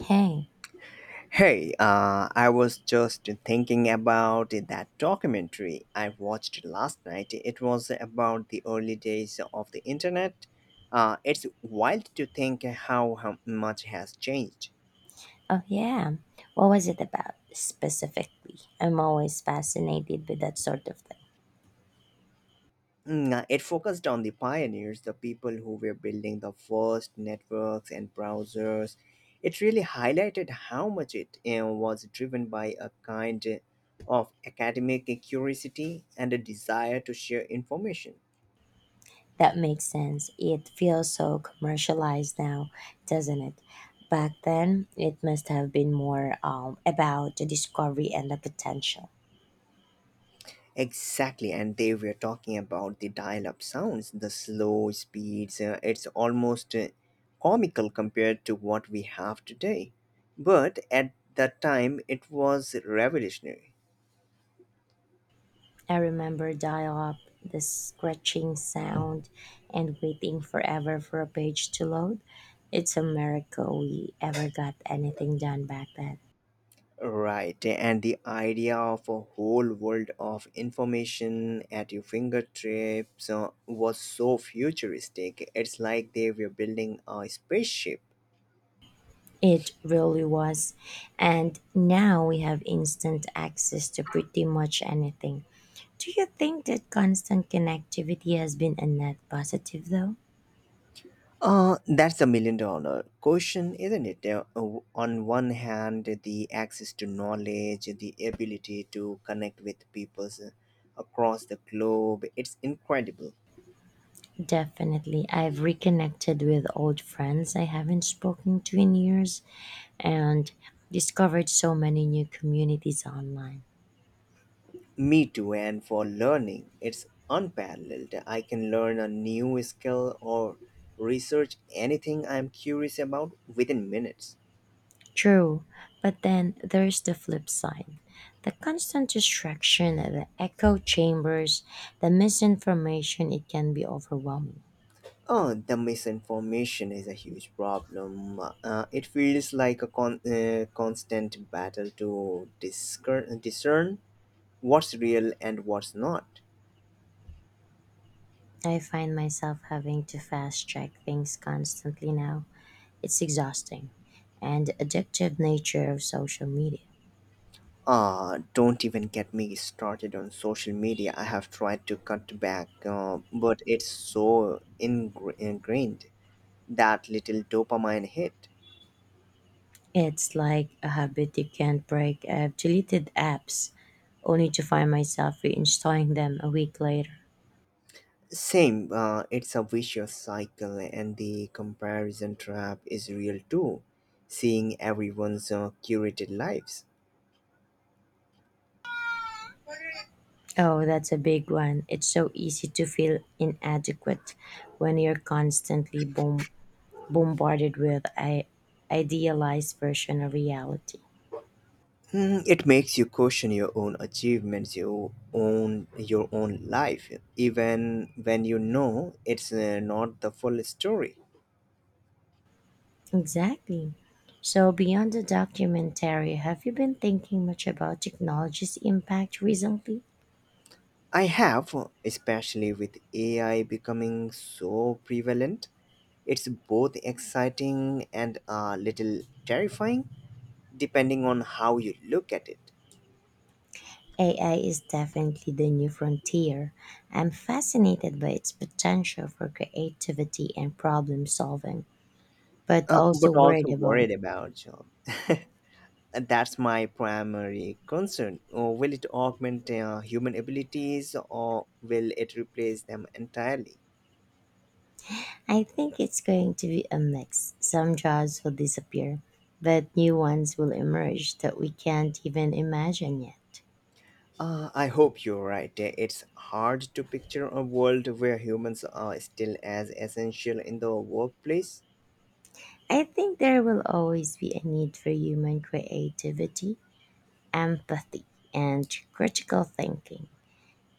Hey, Hey, I was just thinking about that documentary I watched last night. It was about the early days of the internet. It's wild to think how much has changed. oh yeah. What was it about specifically? I'm always fascinated with that sort of thing. It focused on the pioneers, the people who were building the first networks and browsers. It really highlighted how much it was driven by a kind of academic curiosity and a desire to share information. That makes sense. It feels so commercialized now, doesn't it? Back then, it must have been more about the discovery and the potential. Exactly, and they were talking about the dial up sounds, the slow speeds. It's almost comical compared to what we have today. But at that time, it was revolutionary. I remember dial up, the scratching sound, and waiting forever for a page to load. It's a miracle we ever got anything done back then. Right, and the idea of a whole world of information at your fingertips was so futuristic. It's like they were building a spaceship. It really was. And now we have instant access to pretty much anything. Do you think that constant connectivity has been a net positive though? That's a million dollar question, isn't it? On one hand, the access to knowledge, the ability to connect with people across the globe, it's incredible. Definitely. I've reconnected with old friends I haven't spoken to in years and discovered so many new communities online. Me too, and for learning, it's unparalleled. I can learn a new skill or research anything I'm curious about within minutes. True, but then there's the flip side the constant distraction, the echo chambers, the misinformation, it can be overwhelming. Oh, the misinformation is a huge problem. It feels like a constant battle to discern what's real and what's not. I find myself having to fast check things constantly now. It's exhausting and the addictive nature of social media. Ah, don't even get me started on social media. I have tried to cut back, but it's so ingrained that little dopamine hit. It's like a habit you can't break. I've deleted apps only to find myself reinstalling them a week later. Same, it's a vicious cycle, and the comparison trap is real too. Seeing everyone's curated lives. Oh, that's a big one. It's so easy to feel inadequate when you're constantly boom, bombarded with a idealized version of reality. It makes you question your own achievements, your own life, even when you know it's not the full story. Exactly. So, beyond the documentary, have you been thinking much about technology's impact recently? I have, especially with AI becoming so prevalent, it's both exciting and a little terrifying, depending on how you look at it. AI is definitely the new frontier. I'm fascinated by its potential for creativity and problem solving, but uh, also but also worried about worried about job. And that's my primary concern. Will it augment human abilities or will it replace them entirely? I think it's going to be a mix. Some jobs will disappear, but new ones will emerge that we can't even imagine yet. I hope you're right. It's hard to picture a world where humans are still as essential in the workplace. I think there will always be a need for human creativity, empathy, and critical thinking.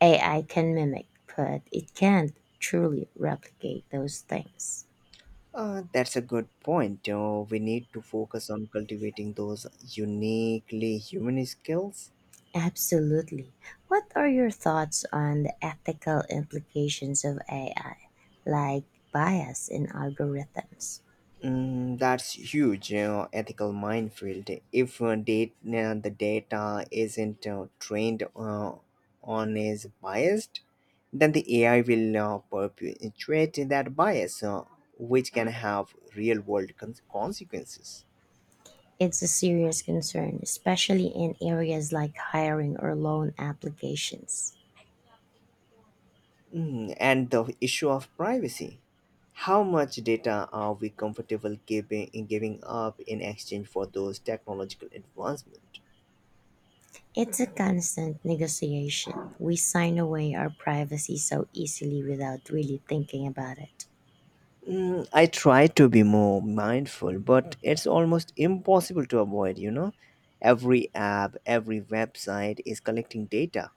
AI can mimic, but it can't truly replicate those things. That's a good point. We need to focus on cultivating those uniquely human skills. Absolutely. What are your thoughts on the ethical implications of AI, like bias in algorithms? That's huge, you know, ethical minefield. If the data isn't trained on is biased, then the AI will perpetuate that bias, which can have real-world consequences. It's a serious concern, especially in areas like hiring or loan applications. And the issue of privacy. How much data are we comfortable giving up in exchange for those technological advancements? It's a constant negotiation. We sign away our privacy so easily without really thinking about it. I try to be more mindful, but it's almost impossible to avoid, you know? Every app, every website is collecting data.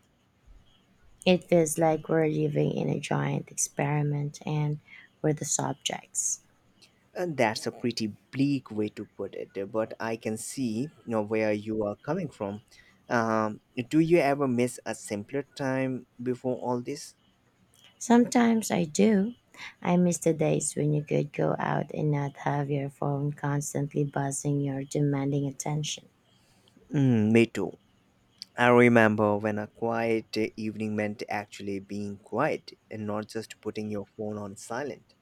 It feels like we're living in a giant experiment and we're the subjects. And that's a pretty bleak way to put it, but I can see where you are coming from. Um, do you ever miss a simpler time before all this? Sometimes I do. I miss the days when you could go out and not have your phone constantly buzzing your demanding attention. Me too. I remember when a quiet evening meant actually being quiet and not just putting your phone on silent.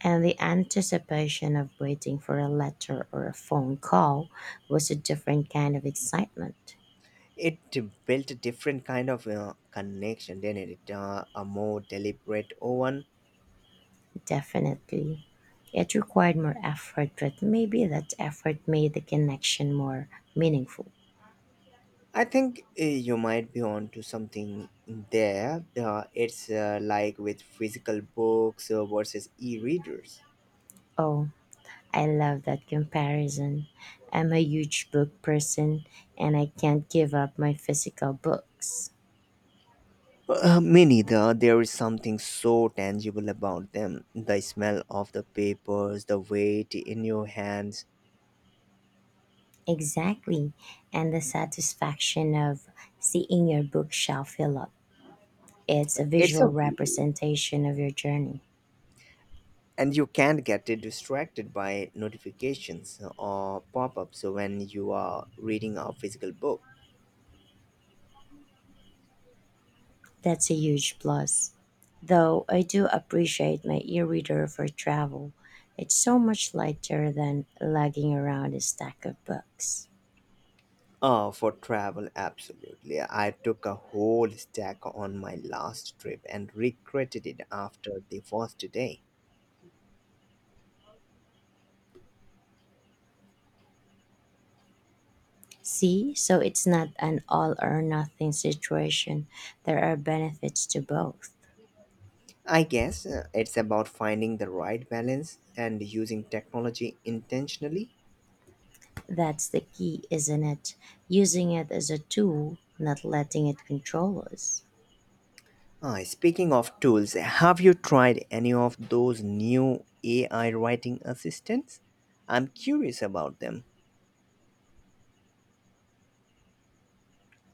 And the anticipation of waiting for a letter or a phone call was a different kind of excitement. It built a different kind of connection, didn't it? A more deliberate one. Definitely. It required more effort, but maybe that effort made the connection more meaningful. I think you might be onto something there. It's like with physical books versus e-readers. Oh, I love that comparison. I'm a huge book person and I can't give up my physical books. Me neither. There is something so tangible about them, the smell of the papers, the weight in your hands. Exactly. And the satisfaction of seeing your bookshelf fill up. It's a it's a visual representation of your journey. and you can not get distracted by notifications or pop-ups when you are reading a physical book. That's a huge plus. Though I do appreciate my e reader for travel, it's so much lighter than lugging around a stack of books. For travel, absolutely. I took a whole stack on my last trip and regretted it after the first day. See, so it's not an all or nothing situation. There are benefits to both. I guess it's about finding the right balance and using technology intentionally. That's the key, isn't it? Using it as a tool, not letting it control us. Ah, speaking of tools, have you tried any of those new ai writing assistants? I'm curious about them.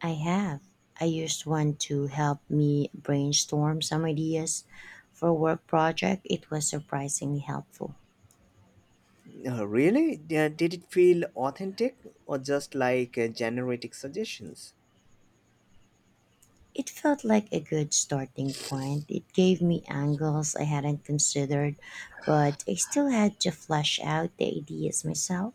I have. I used one to help me brainstorm some ideas for work project. It was surprisingly helpful. Really? Yeah, did it feel authentic or just like generic suggestions? It felt like a good starting point. It gave me angles I hadn't considered, but I still had to flesh out the ideas myself.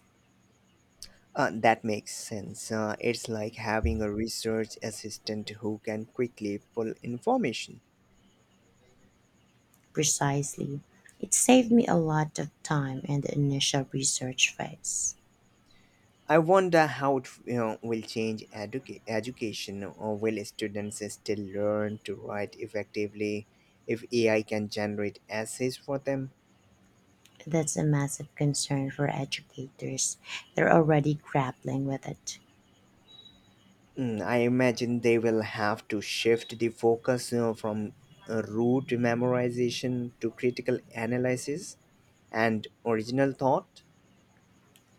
That makes sense. It's like having a research assistant who can quickly pull information. Precisely. It saved me a lot of time in the initial research phase. I wonder how it will change education, or will students still learn to write effectively if AI can generate essays for them? That's a massive concern for educators. They're already grappling with it. I imagine they will have to shift the focus from rote memorization to critical analysis and original thought.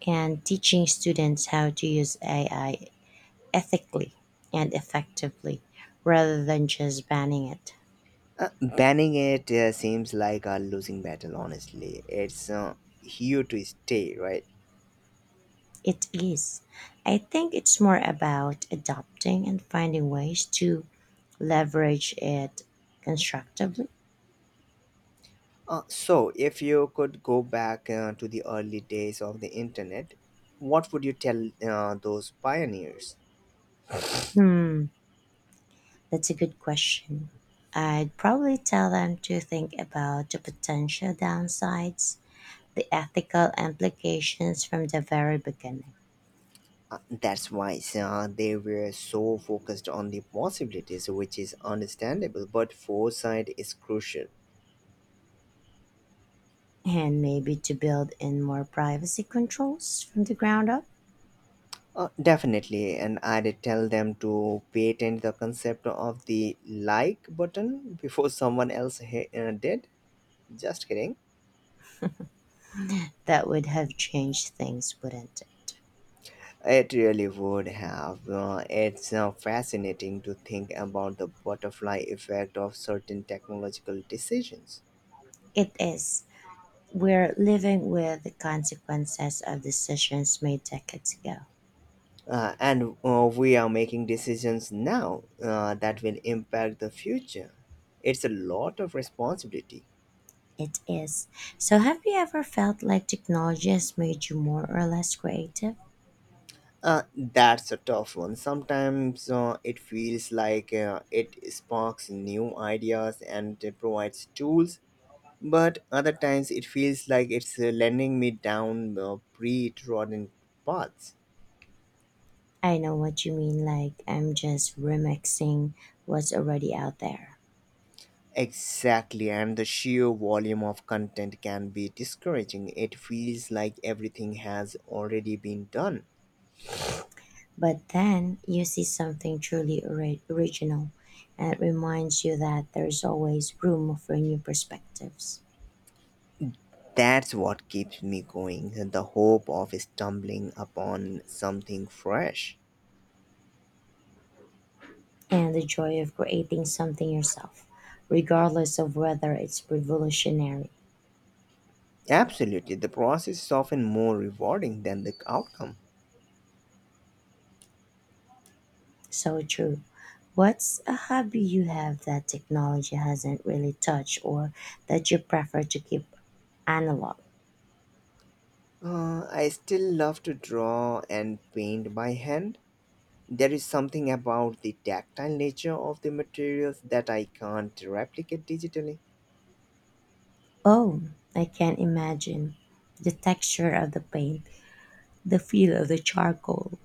And teaching students how to use AI ethically and effectively rather than just banning it. Uh, banning it seems like a losing battle, honestly. It's here to stay, right? It is. I think it's more about adopting and finding ways to leverage it constructively. So, if you could go back to the early days of the internet, what would you tell those pioneers? Hmm, that's a good question. I'd probably tell them to think about the potential downsides, the ethical implications from the very beginning, Uh, that's why they were so focused on the possibilities, which is understandable, but foresight is crucial. and maybe to build in more privacy controls from the ground up. Definitely, and I'd tell them to patent the concept of the like button before someone else did. Just kidding. That would have changed things, wouldn't it? It really would have. It's fascinating to think about the butterfly effect of certain technological decisions. It is. We're living with the consequences of decisions made decades ago. And we are making decisions now that will impact the future. It's a lot of responsibility. It is. So, have you ever felt like technology has made you more or less creative? That's a tough one. Sometimes it feels like it sparks new ideas and it provides tools, but other times it feels like it's lending me down pre-trodden paths. I know what you mean, like, I'm just remixing what's already out there. Exactly, and the sheer volume of content can be discouraging. It feels like everything has already been done. But then you see something truly original, and it reminds you that there's always room for new perspectives That's what keeps me going, the hope of stumbling upon something fresh. and the joy of creating something yourself, regardless of whether it's revolutionary. Absolutely, the process is often more rewarding than the outcome. So true. What's a hobby you have that technology hasn't really touched or that you prefer to keep analog? I still love to draw and paint by hand. There is something about the tactile nature of the materials that I can't replicate digitally. Oh, I can't imagine. The texture of the paint, the feel of the charcoal.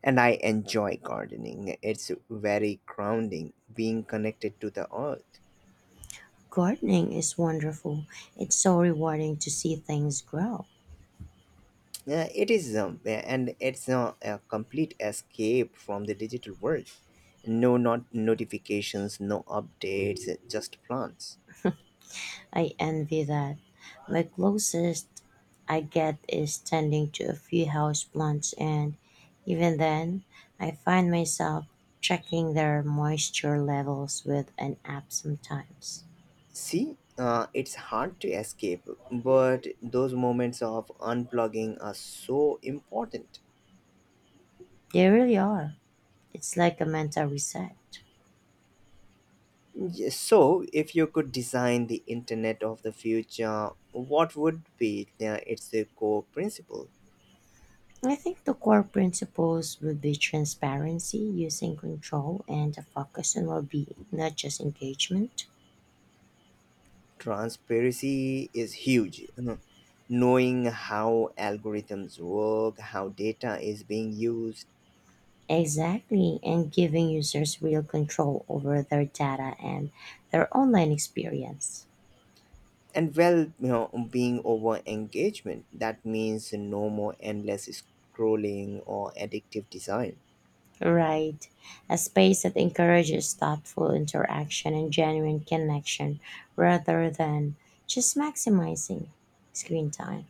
And I enjoy gardening. It's very grounding, being connected to the earth. Gardening is wonderful. It's so rewarding to see things grow. It is, yeah, and it's a complete escape from the digital world. No, not notifications, no updates, just plans. I envy that. My closest I get is tending to a few houseplants, and even then, I find myself checking their moisture levels with an app sometimes. See, it's hard to escape, but those moments of unplugging are so important. They really are. It's like a mental reset. Yes. So, if you could design the internet of the future, what would be its core principle? I think the core principles would be transparency, using control, and a focus on well being, not just engagement. Transparency is huge. Mhm. Knowing how algorithms work, how data is being used, Exactly, and giving users real control over their data and their online experience. and well, being over engagement. That means no more endless scrolling or addictive design. Right. A space that encourages thoughtful interaction and genuine connection rather than just maximizing screen time.